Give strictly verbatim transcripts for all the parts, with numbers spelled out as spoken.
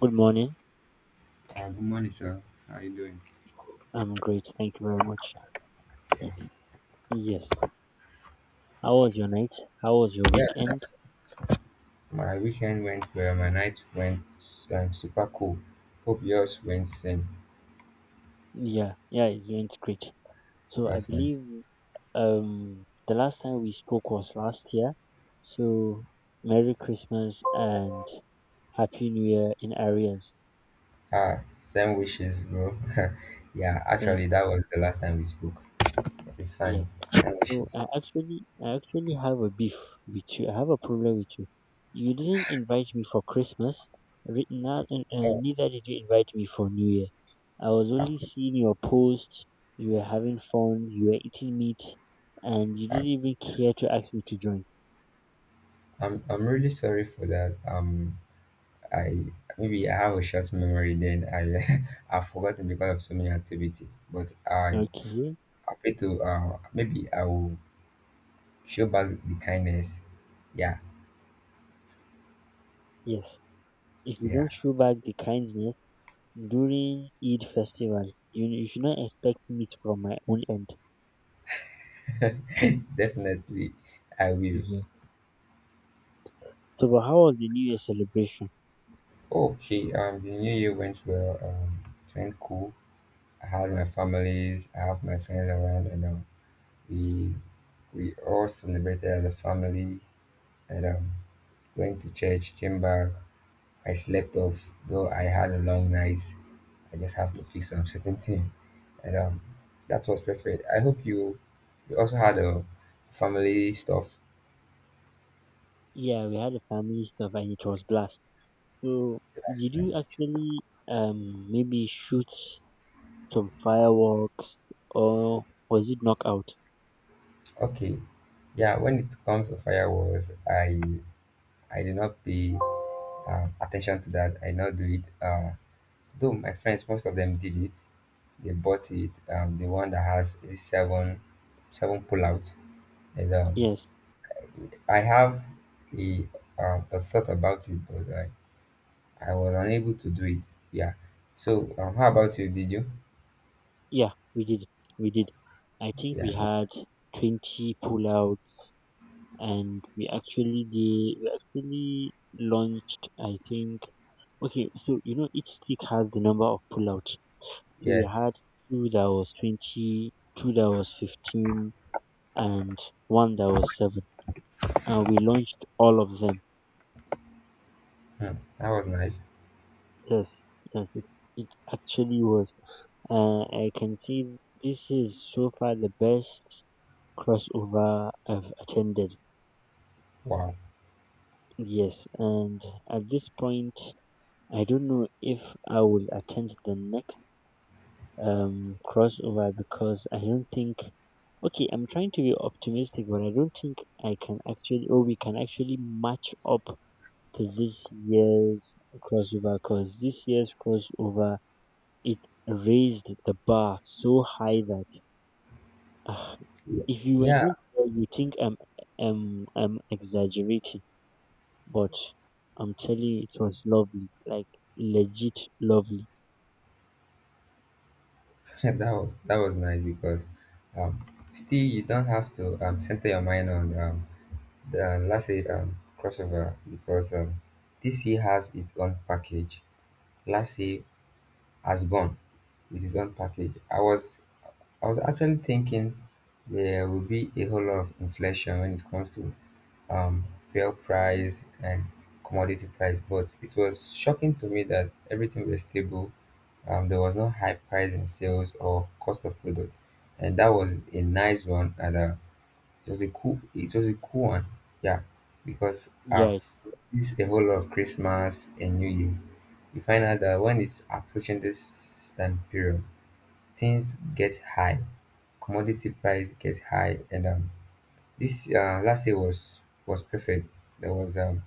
Good morning. Uh, good morning, sir. How are you doing? I'm great. Thank you very much. Y- y- Yes. How was your night? How was your weekend? My weekend went well, my night went um, super cool. Hope yours went same. Yeah, yeah, it went great. So I That's fine. believe um the last time we spoke was last year. So Merry Christmas and Happy New Year in areas. Ah, same wishes, bro. Yeah, Thank actually, you. that was the last time we spoke. But it's fine. Yes. Same So I wishes. actually, I actually have a beef with you. I have a problem with you. You didn't invite me for Christmas. Re- Not, and, uh, Oh, Neither did you invite me for New Year. I was I, only seeing your posts. You were having fun. You were eating meat, and you I, didn't even care to ask me to join. I'm, I'm really sorry for that. Um, I maybe I have a short memory. Then I I've forgotten because of so many activity. But I Okay. I pray to uh maybe I will show back the kindness. Yeah, Yes. If you don't yeah. show back the kindness during Eid festival, you, you should not expect meat from my own end. Definitely, I will. Yeah. So, but how was the New Year celebration? Okay, um, the new year went well. Um, it went cool. I had my families, I have my friends around, and um, we we all celebrated as a family. And um, went to church, came back. I slept off, though I had a long night. I just have to fix some certain things, and um, that was perfect. I hope you you also had a family stuff. Yeah, we had a family stuff and it was blast. So That's did fine. you actually um maybe shoot some fireworks or was it knockout? Okay, yeah. When it comes to fireworks, I I did not pay um, attention to that. I did not do it. Uh, though my friends, most of them did it. They bought it. Um, the one that has a seven, seven pullout. And um, Yes. I have a, um, a thought about it, but I, I was unable to do it. Yeah. So um, how about you? Did you? Yeah, we did. We did. I think we Yeah. that's- had Right. twenty pullouts and we actually did we actually launched, I think. Okay, so you know each stick has the number of pullouts. So we Yes. had two that was twenty, two that was fifteen, and one that was seven, and we launched all of them. Hmm. That was nice. Yes, yes, it, it actually was. Uh, I can see this is so far the best crossover I've attended. Wow. Yes, and at this point, I don't know if I will attend the next um crossover because I don't think. Okay, I'm trying to be optimistic, but I don't think I can actually, or we can actually match up to this year's crossover, because this year's crossover, it raised the bar so high that ah, Yeah. if you were Yeah. not there, you think I'm, I'm, I'm exaggerating. But I'm telling you, it was lovely, like legit lovely. that was that was nice because um, still you don't have to um, center your mind on um, than let um, crossover, because um, D C has its own package. Let's say Asborn with its own package. I was I was actually thinking there will be a whole lot of inflation when it comes to um, fuel price and commodity price, but it was shocking to me that everything was stable. Um, there was no high price in sales or cost of product, and that was a nice one. And uh, it was a cool it was a cool one. Yeah. Because I've Yeah, missed a whole lot of Christmas and New Year. You find out that when it's approaching this time period, things get high. Commodity price get high, and um this uh last year was was perfect. There was um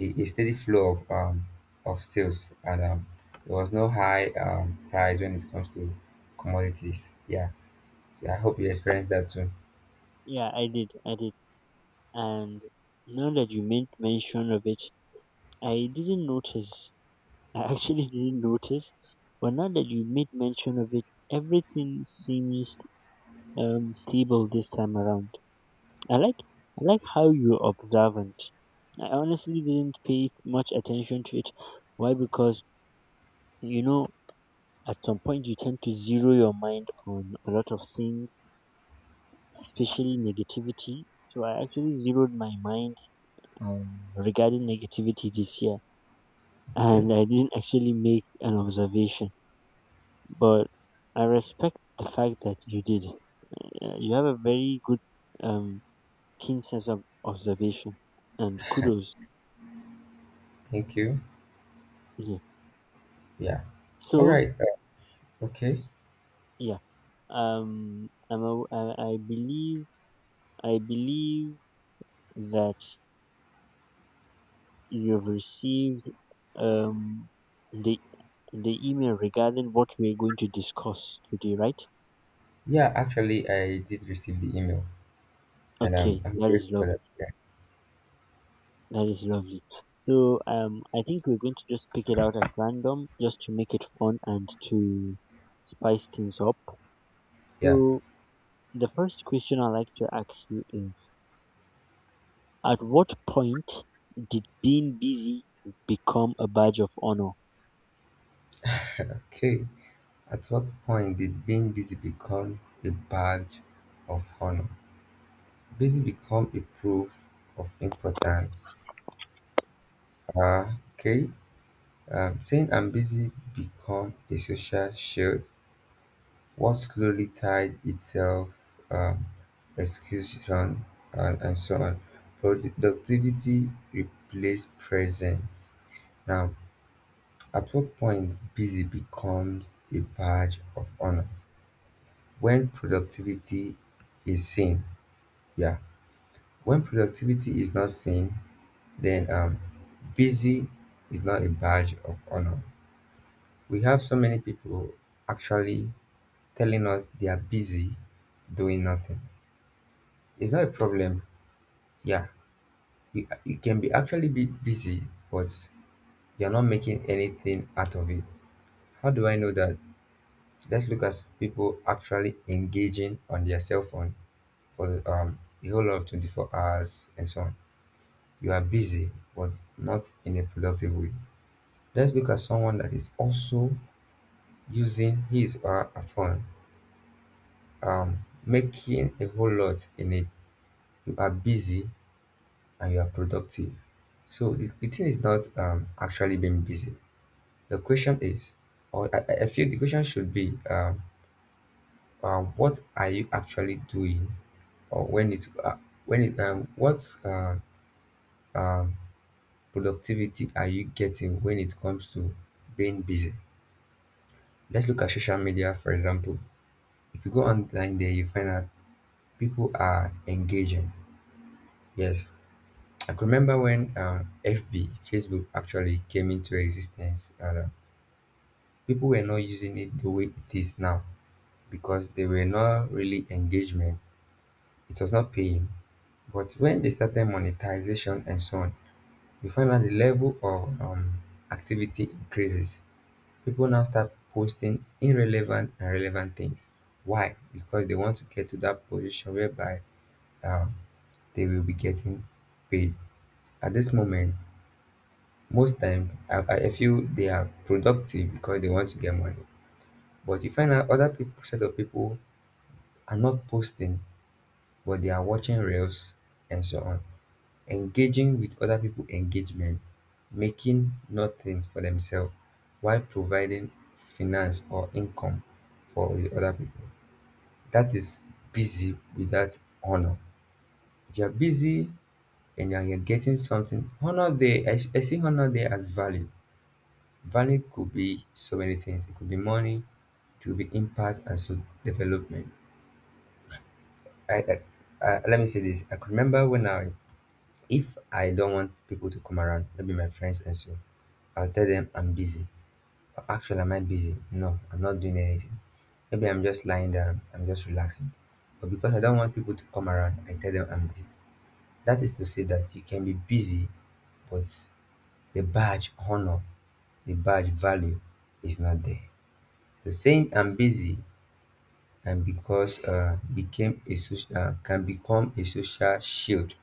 a, a steady flow of um of sales, and um there was no high um price when it comes to commodities. Yeah. Yeah, I hope you experience that too. yeah, I did, I did. And now that you made mention of it, I didn't notice. I actually didn't notice. But now that you made mention of it, everything seems um, stable this time around. I like I like how you're observant. I honestly didn't pay much attention to it. Why? Because you know, at some point you tend to zero your mind on a lot of things, especially negativity. So I actually zeroed my mind um, regarding negativity this year, Okay. and I didn't actually make an observation. But I respect the fact that you did. Uh, you have a very good, um, keen sense of observation, and kudos. Thank you. Yeah. Yeah. All So right. Uh, okay. yeah. Um, I'm a, I, I believe I believe that you've received um the the email regarding what we're going to discuss today, right? Yeah, actually, I did receive the email, and I'm, Okay, I'm that is grateful for love. that. Yeah. That is lovely. So um, I think we're going to just pick it out at random, just to make it fun and to spice things up. Yeah. So the first question I like to ask you is: at what point did being busy become a badge of honor? Okay. At what point did being busy become a badge of honor? Busy become a proof of importance. Uh, okay. Um, saying I'm busy become a social shield. What slowly tied itself, um, execution, and, and so on. Productivity replaced presence. Now, at what point busy becomes a badge of honor? When productivity is seen, yeah. When productivity is not seen, then um, busy is not a badge of honor. We have so many people actually telling us they are busy doing nothing. It's not a problem, yeah. You, you can be actually be busy, but you're not making anything out of it. How do I know that? Let's look at people actually engaging on their cell phone for um, a whole of twenty-four hours and so on. You are busy, but not in a productive way. Let's look at someone that is also using his or her phone, um, making a whole lot in it. You are busy and you are productive. So the, the thing is not um, actually being busy. The question is, or I, I I feel the question should be, um, um, what are you actually doing, or when it uh, when it um what uh um productivity are you getting when it comes to being busy? Let's look at social media, for example. If you go online there, you find out people are engaging. Yes, I can remember when uh, fb Facebook actually came into existence, and uh, people were not using it the way it is now because they were not really engagement. It was not paying, but when they started monetization and so on, you find that the level of um, activity increases. People now start posting irrelevant and relevant things. Why? Because they want to get to that position whereby um, they will be getting paid. At this moment, most time I, I I feel they are productive because they want to get money. But you find out, other people set of people are not posting, but they are watching reels and so on. Engaging with other people engagement, making nothing for themselves while providing finance or income for the other people. That is busy without honor. If you're busy and you're you're getting something, honor there, I, I see honor there as value. Value could be so many things. It could be money, it could be impact and so development. I, I, I Let me say this. I could remember when I if I don't want people to come around, maybe my friends and so, I'll tell them I'm busy. But actually, am I busy? No, I'm not doing anything. Maybe I'm just lying down, I'm just relaxing. But because I don't want people to come around, I tell them I'm busy. That is to say that you can be busy, but the badge honor, the badge value is not there. So saying I'm busy, and because uh, became a social, uh, can become a social shield,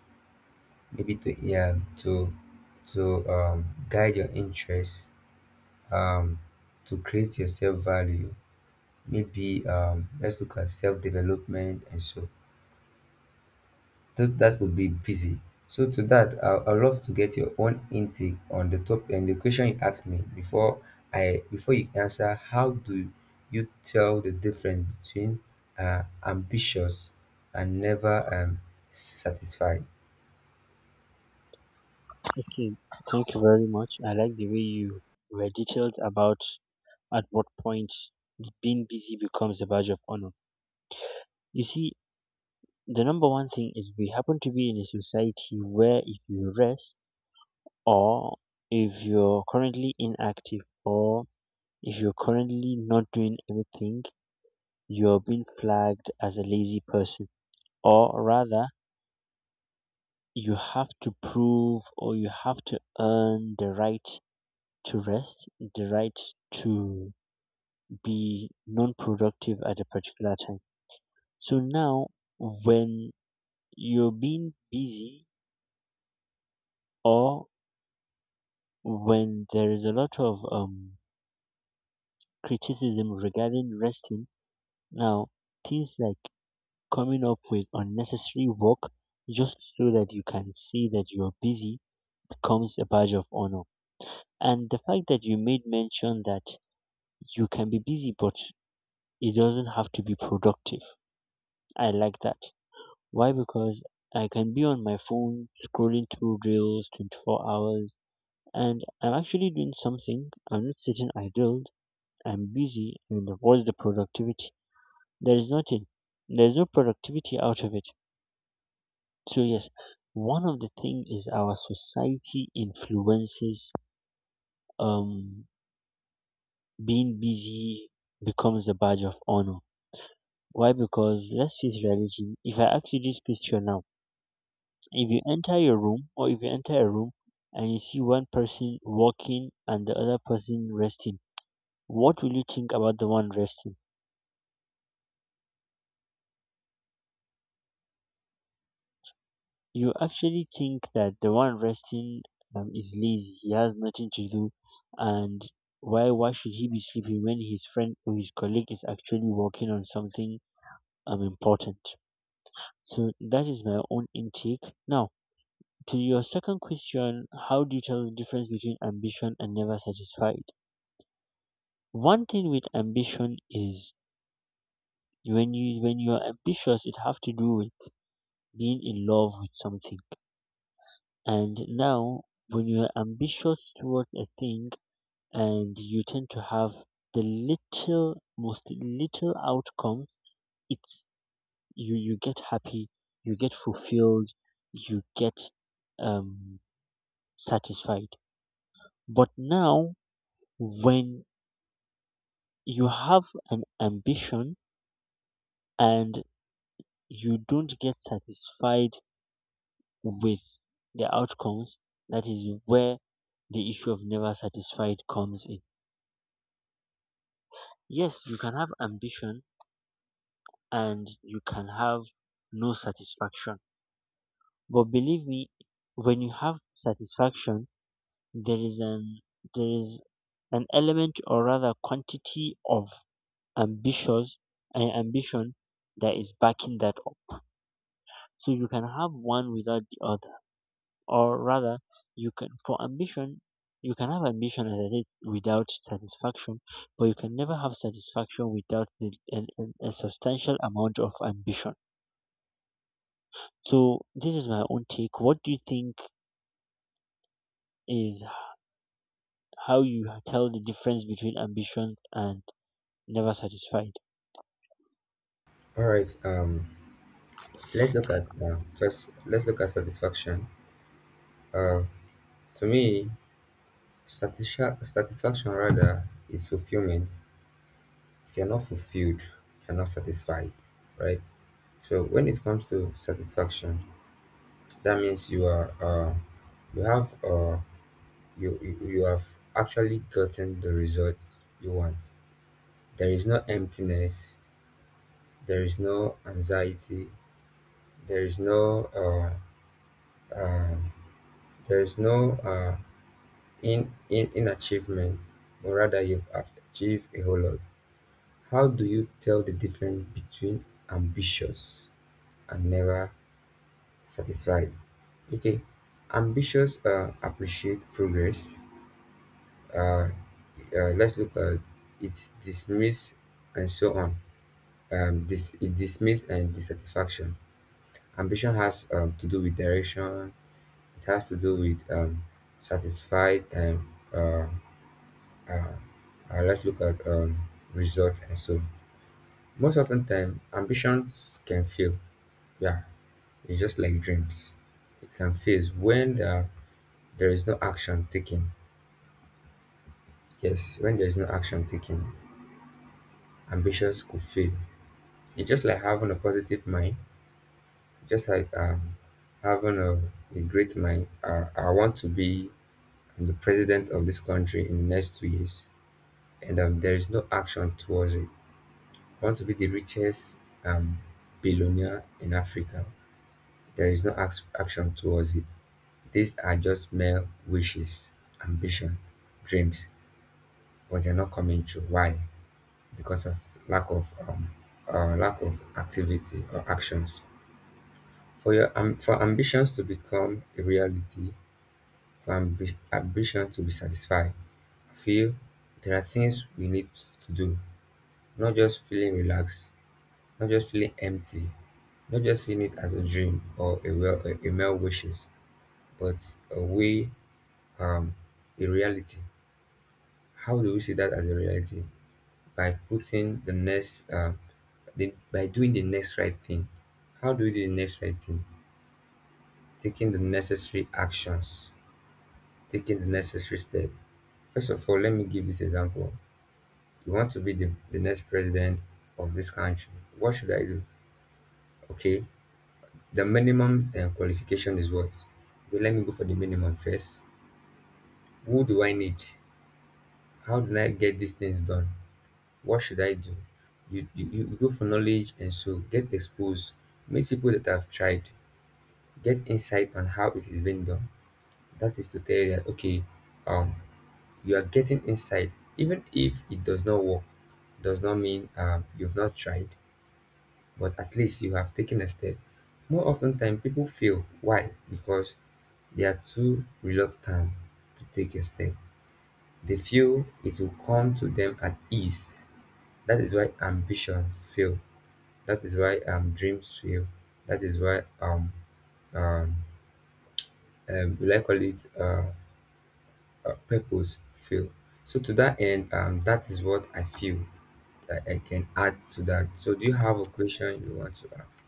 maybe to yeah, to to um, guide your interests, um, to create your self value, maybe um, let's look at self development, and so that, that would be busy. So to that, I, I'd love to get your own intake on the top and the question you asked me before. I Before you answer, how do you tell the difference between uh, ambitious and never um, satisfied? Okay, thank you very much. I like the way you were detailed about at what point being busy becomes a badge of honor. You see, the number one thing is we happen to be in a society where if you rest or if you're currently inactive or if you're currently not doing anything, you're being flagged as a lazy person. Or rather, you have to prove or you have to earn the right to rest, the right to be non-productive at a particular time. So now, when you're being busy or when there is a lot of um, criticism regarding resting, now things like coming up with unnecessary work just so that you can see that you're busy becomes a badge of honor. And the fact that you made mention that you can be busy, but it doesn't have to be productive. I like that. Why? Because I can be on my phone scrolling through reels twenty-four hours and I'm actually doing something. I'm not sitting idle. I'm busy. And what's the productivity? There is nothing. There's no productivity out of it. So yes, one of the thing is our society influences um being busy becomes a badge of honor. Why? Because let's face reality. If I ask you this question now, if you enter your room or if you enter a room and you see one person walking and the other person resting, what will you think about the one resting? You actually think that the one resting um, is lazy, he has nothing to do, and why why should he be sleeping when his friend or his colleague is actually working on something um important? So that is my own intake. Now, to your second question, how do you tell the difference between ambition and never satisfied? One thing with ambition is when you when you are ambitious, it have to do with being in love with something. And now, when you are ambitious towards a thing, and you tend to have the little most little outcomes, it's you you get happy, you get fulfilled, you get um satisfied. But now, when you have an ambition and you don't get satisfied with the outcomes, that is where the issue of never satisfied comes in. Yes, you can have ambition and you can have no satisfaction. But believe me, when you have satisfaction, there is an there is an element or rather quantity of ambitious and ambition that is backing that up. So you can have one without the other, or rather you can for ambition, you can have ambition, as I said, without satisfaction, but you can never have satisfaction without the, an, an, a substantial amount of ambition. So this is my own take. What do you think is h- how you tell the difference between ambition and never satisfied? All right. um Let's look at uh, first. Let's look at satisfaction. Uh, to me, satisfa- satisfaction rather is fulfillment. If you're not fulfilled, you're not satisfied, right? So when it comes to satisfaction, that means you are uh, you have uh, you you you have actually gotten the result you want. There is no emptiness. There is no anxiety. There is no uh, uh, there is no uh, in in in achievement, or rather you've have achieved a whole lot. How do you tell the difference between ambitious and never satisfied? Okay, ambitious uh, appreciate progress, uh, uh, let's look at it dismiss and so on. Um this it dismiss and dissatisfaction. Ambition has um, to do with direction. It has to do with um satisfied, and uh, uh, uh, let's look at um, result and so. Most often time, ambitions can fail. Yeah, it's just like dreams. It can fail when the, there is no action taken. Yes, when there is no action taken, ambitions could fail. It's just like having a positive mind, just like um, having a, a great mind. uh, I want to be the president of this country in the next two years, and um, there is no action towards it. I want to be the richest um, billionaire in Africa. There is no ac- action towards it. These are just mere wishes, ambition, dreams, but they're not coming true. Why? Because of lack of um, uh, lack of activity or actions. For your um, for ambitions to become a reality, for ambi- ambition to be satisfied, I feel there are things we need to do. Not just feeling relaxed, not just feeling empty, not just seeing it as a dream or a, well, a a mere wishes, but a way, um, a reality. How do we see that as a reality? By putting the next, uh, the, by doing the next right thing. How do we do the next right thing? Taking the necessary actions, taking the necessary step. First of all, let me give this example. You want to be the, the next president of this country. What should I do? Okay, the minimum uh, qualification is what? Okay, let me go for the minimum first. Who do I need? How do I get these things done? What should I do? You, you, you go for knowledge and so get exposed, meet people that have tried, get insight on how it is being done. That is to tell you that okay, um, you are getting insight, even if it does not work, does not mean um, you've not tried, but at least you have taken a step. More often than people fail. Why? Because they are too reluctant to take a step. They feel it will come to them at ease. That is why ambition fail. That is why um dreams fail. That is why um um, um will I call it uh, uh purpose fail. So to that end, um that is what I feel that I can add to that. So do you have a question you want to ask?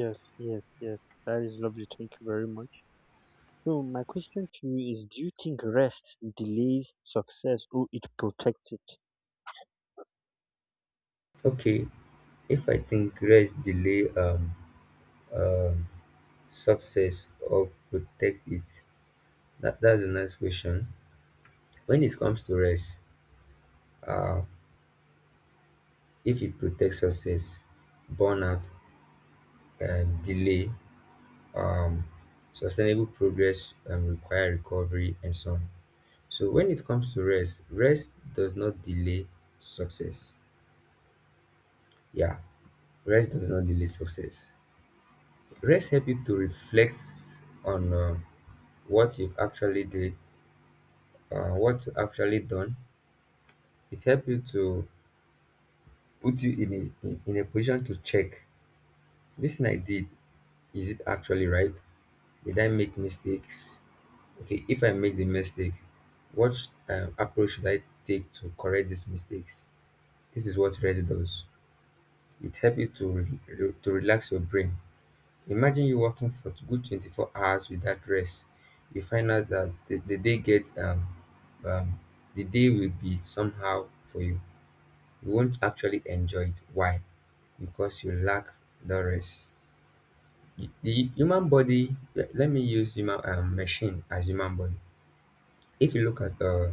Yes yes yes, that is lovely, thank you very much. So my question to you is: do you think rest delays success, or it protects it? Okay, if I think rest delay um, um success or protect it, that, that's a nice question. When it comes to rest, um, if it protects success burnout, um, delay, um, sustainable progress um, require recovery and so on. So when it comes to rest rest does not delay success. Yeah, rest does not delay success. Rest help you to reflect on um, what you've actually did, uh, what you actually done. It help you to put you in a in, in a position to check, this thing I did, is it actually right? Did I make mistakes? Okay, if I make the mistake, what um, approach should I take to correct these mistakes? This is what rest does. It helps you to re- re- to relax your brain. Imagine you working for good twenty-four hours without rest. You find out that the, the day gets um, um the day will be somehow for you. You won't actually enjoy it. Why? Because you lack the rest. The the human body. Let let me use human um, machine as human body. If you look at uh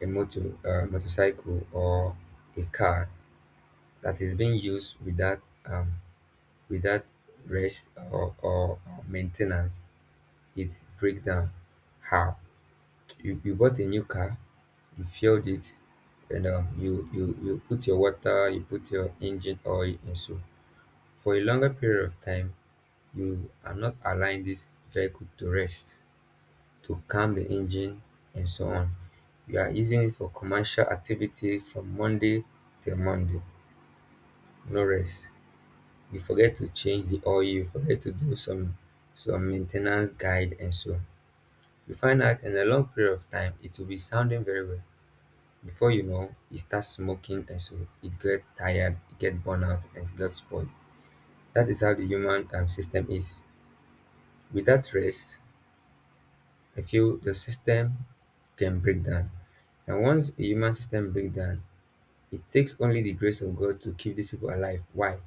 a motor, a motorcycle, or a car that is being used without um, without rest, or, or or maintenance, it break down. How, you, you bought a new car, you fueled it, and um, you, you you put your water, you put your engine oil, and so for a longer period of time, you are not allowing this vehicle to rest, to calm the engine and so on. You are using it for commercial activity from Monday till Monday. No rest. You forget to change the oil, you forget to do some some maintenance guide and so. You find out in a long period of time it will be sounding very well. Before you know, it starts smoking and so it gets tired, it gets burnout and it gets spoiled. That is how the human um, system is. Without rest, I feel the system can break down. And once a human system breaks down, it takes only the grace of God to keep these people alive. Why?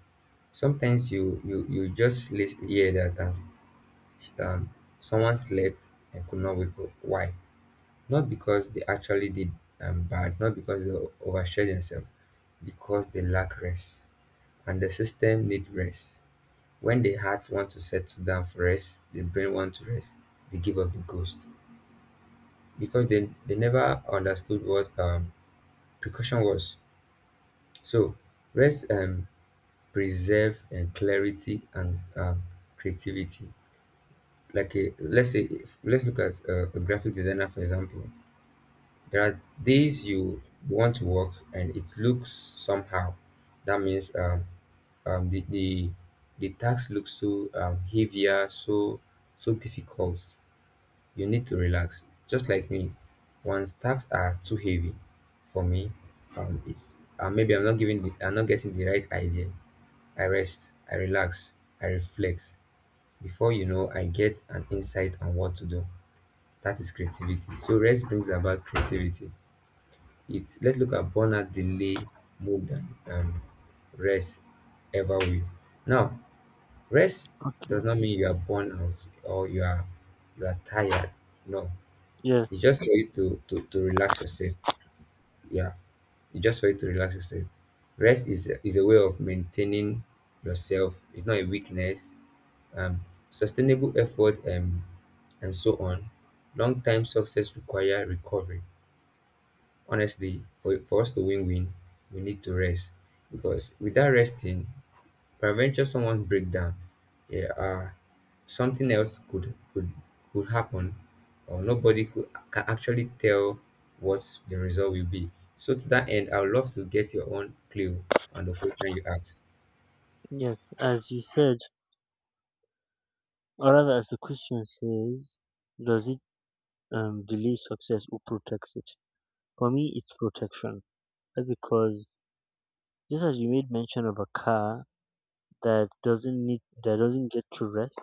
Sometimes you you you just lis- hear that um, um someone slept and could not wake up. Why? Not because they actually did um, bad, not because they overstretched themselves, because they lack rest. And the system need rest. When the heart want to settle down for rest, the brain want to rest, they give up the ghost, because they, they never understood what um, precaution was. So rest um, preserve and clarity and, um, creativity. Like a, let's say if, let's look at uh, a graphic designer for example. There are days you want to work and it looks somehow. That means, um, um, the, the the task looks so um, heavier, so so difficult. You need to relax. Just like me, once tasks are too heavy for me, um, it's uh, maybe I'm not giving the, I'm not getting the right idea. I rest, I relax, I reflect. Before you know, I get an insight on what to do. That is creativity. So rest brings about creativity. It's, let's look at burnout delay more than um, rest ever will. Now, rest does Okay. not mean you are burned out or you are you are tired. No, Yes. it's just for you to to, to relax yourself. Yeah, it's just for you to relax yourself. Rest is a- is a way of maintaining yourself. It's not a weakness. Um, sustainable effort um, and so on. Long time success require recovery. Honestly, for for us to win win, we need to rest, because without resting, peradventure someone break down. Yeah, uh, something else could could could happen, or nobody could can actually tell what the result will be. So to that end, I would love to get your own clue on the question you asked. Yes. As you said, or rather, as the question says, does it um, delay success or protects it? For me, it's protection uh, because, just as you made mention of a car that doesn't need that doesn't get to rest,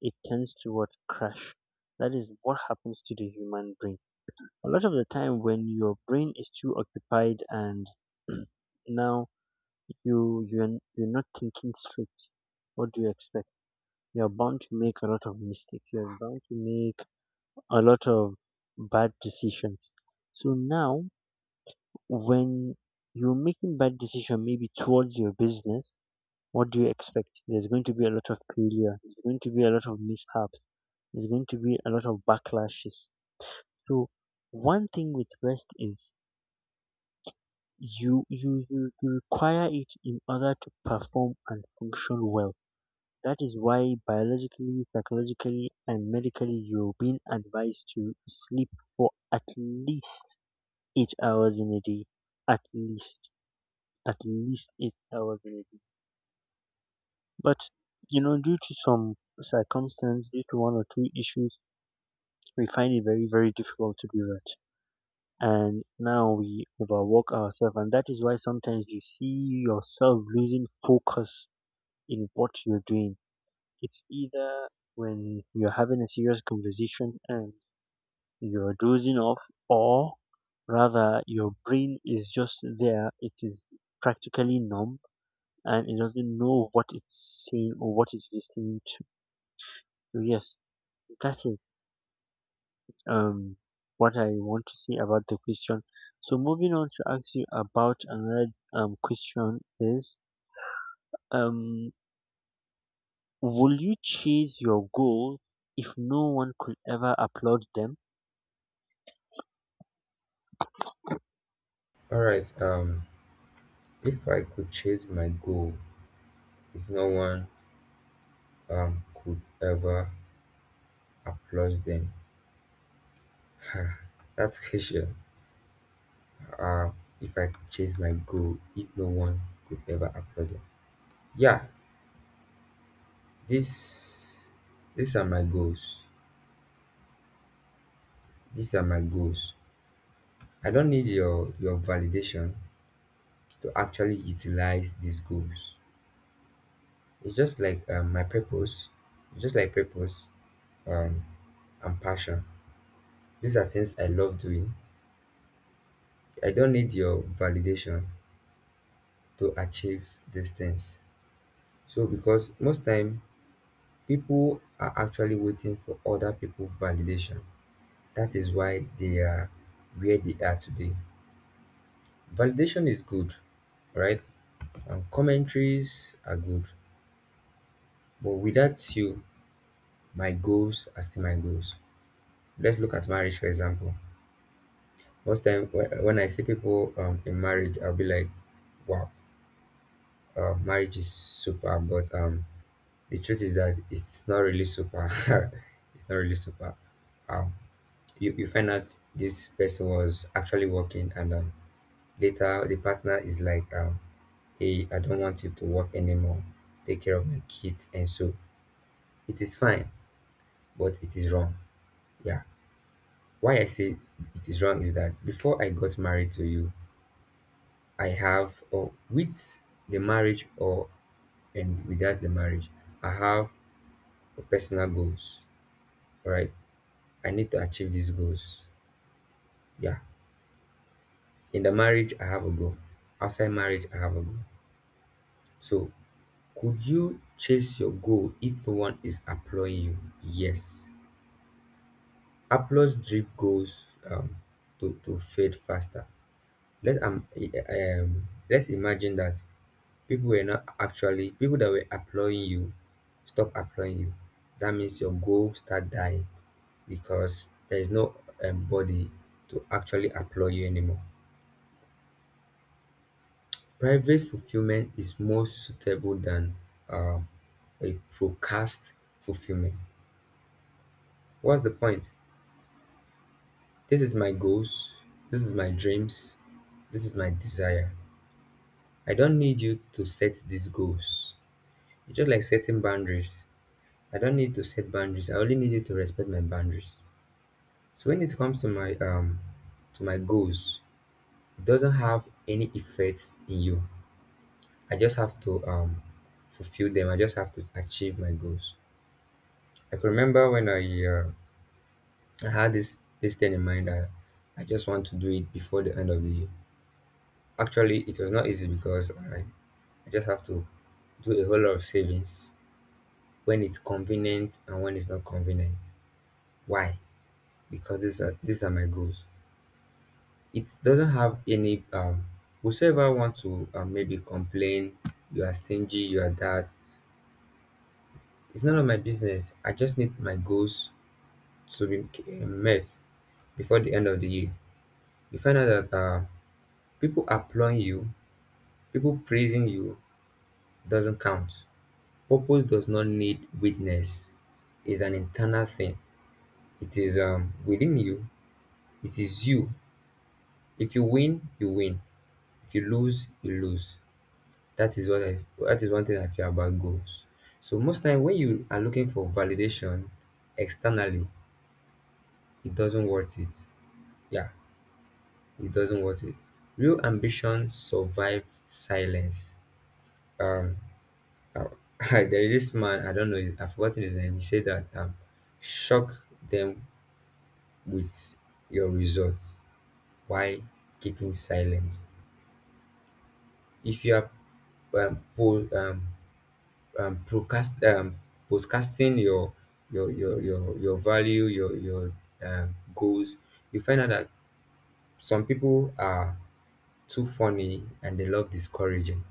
it tends to what crash. That is what happens to the human brain. A lot of the time, when your brain is too occupied and now You you're, you're not thinking straight. What do you expect? You're bound to make a lot of mistakes. You're bound to make a lot of bad decisions. So now, when you're making bad decision, maybe towards your business, what do you expect? There's going to be a lot of failure. There's going to be a lot of mishaps. There's going to be a lot of backlashes. So one thing with rest is you you you, you require it in order to perform and function well. That is why biologically, psychologically, and medically you're being advised to sleep for at least eight hours in a day. At least, at least eight hours in a day. But, you know, due to some circumstance, due to one or two issues, we find it very, very difficult to do that. And now we overwork ourselves. And that is why sometimes you see yourself losing focus in what you're doing. It's either when you're having a serious conversation and you're dozing off, or rather, your brain is just there. It is practically numb and it doesn't know what it's saying or what it's listening to. So, yes, that is um, what I want to say about the question. So, moving on to ask you about another um, question is um, will you chase your goal if no one could ever applaud them? All right. Um, if I could chase my goal, if no one um could ever applaud them, that's question. Uh, if I could chase my goal, if no one could ever applaud them. Yeah, This these are my goals. These are my goals. I don't need your your validation to actually utilize these goals. It's just like um, my purpose, just like purpose um, and passion. These are things I love doing. I don't need your validation to achieve these things. So because most time people are actually waiting for other people validation. That is why they are where they are today. Validation is good, right? And commentaries are good. But without you, my goals are still my goals. Let's look at marriage, for example. Most time whe- when I see people um, in marriage, I'll be like, wow, uh, marriage is super. But um, the truth is that it's not really super. It's not really super. Um, you, you find out this person was actually working and, um, later the partner is like, um, hey, I don't want you to work anymore. Take care of my kids. And so it is fine, but it is wrong. Yeah. Why I say it is wrong is that before I got married to you, I have, or with the marriage or and without the marriage, I have personal goals. All right. I need to achieve these goals. Yeah. In the marriage, I have a goal. Outside marriage, I have a goal. So could you chase your goal if no one is employing you? Yes. Apple's drift goes um, to, to fade faster. Let's um, i- um let's imagine that people were not actually people that were employing you stop employing you. That means your goal start dying because there is no, um, body to actually employ you anymore. Private fulfillment is more suitable than um, a procast fulfillment. What's the point? This is my goals. This is my dreams. This is my desire. I don't need you to set these goals. It's just like setting boundaries. I don't need to set boundaries. I only need you to respect my boundaries. So when it comes to my um to my goals, it doesn't have any effects in you. I just have to um fulfill them. I just have to achieve my goals. I can remember when I, uh, I had this this thing in mind that I just want to do it before the end of the year. Actually, it was not easy because I, I just have to do a whole lot of savings when it's convenient and when it's not convenient. Why? Because these are these are my goals. It doesn't have any um whosoever want to, uh, maybe complain, you are stingy, you are that. It's none of my business. I just need my goals to be, uh, met before the end of the year. You find out that, uh, people applauding you, people praising you doesn't count. Purpose does not need witness. It's an internal thing. It is um within you. It is you. If you win, you win. If you lose, you lose. That is what I that is one thing I feel about goals. So most time when you are looking for validation externally, it doesn't worth it. Yeah, it doesn't worth it. Real ambition survive silence. Um there is this man, I don't know his, I've forgotten his name. He said that, um shock them with your results while keeping silence. If you are um, po- um um, procrast- um, postcasting your your your your your value, your your um, goals, you find out that some people are too funny and they love discouraging.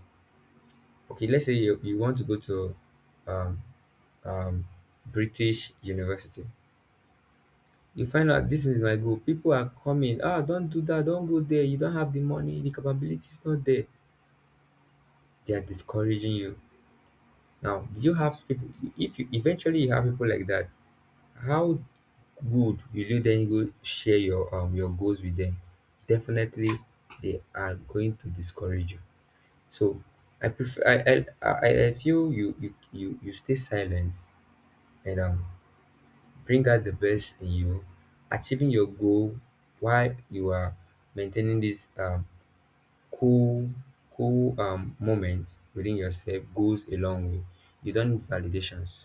Okay, let's say you, you want to go to um, um, British university. You find out this is my goal. People are coming. Ah, don't do that. Don't go there. You don't have the money. The capability is not there. They are discouraging you. Now, do you have people? If you eventually you have people like that, how good will you then go share your um your goals with them? Definitely, they are going to discourage you. So I prefer I I, I I feel you you you you stay silent and um bring out the best in you, achieving your goal while you are maintaining this um cool cool um moment within yourself goes a long way. You don't need validations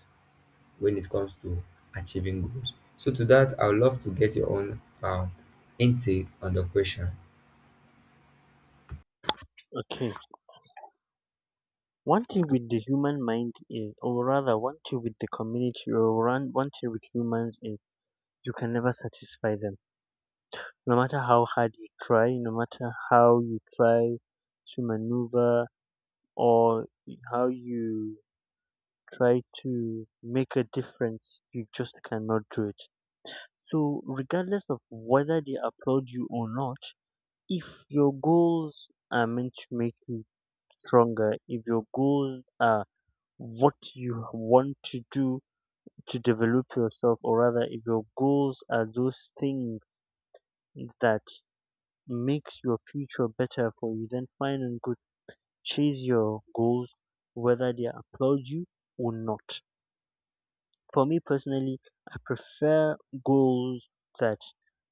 when it comes to achieving goals. So to that, I would love to get your own um intake on the question. Okay. One thing with the human mind is, or rather, one thing with the community, or one, one thing with humans is, you can never satisfy them. No matter how hard you try, no matter how you try to maneuver, or how you try to make a difference, you just cannot do it. So, regardless of whether they applaud you or not, if your goals are meant to make you stronger, if your goals are what you want to do to develop yourself, or rather if your goals are those things that makes your future better for you, then fine and good, chase your goals whether they applaud you or not. For me personally, I prefer goals that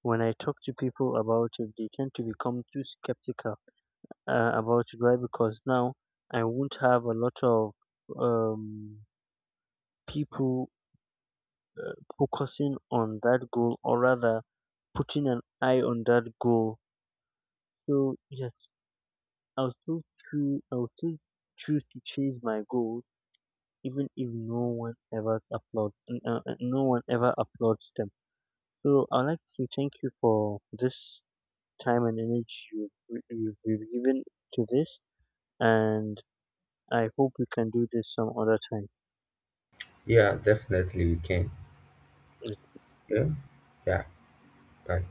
when I talk to people about it they tend to become too skeptical uh, about it. Why? Because now I won't have a lot of um, people focusing on that goal or rather putting an eye on that goal. So yes, I'll still choose I'll still choose to chase my goal even if no one ever applauds uh, uh, no one ever applauds them. So I'd like to say thank you for this time and energy you've, you've you've given to this, and I hope we can do this some other time. Yeah, definitely we can. Yeah, yeah. Bye.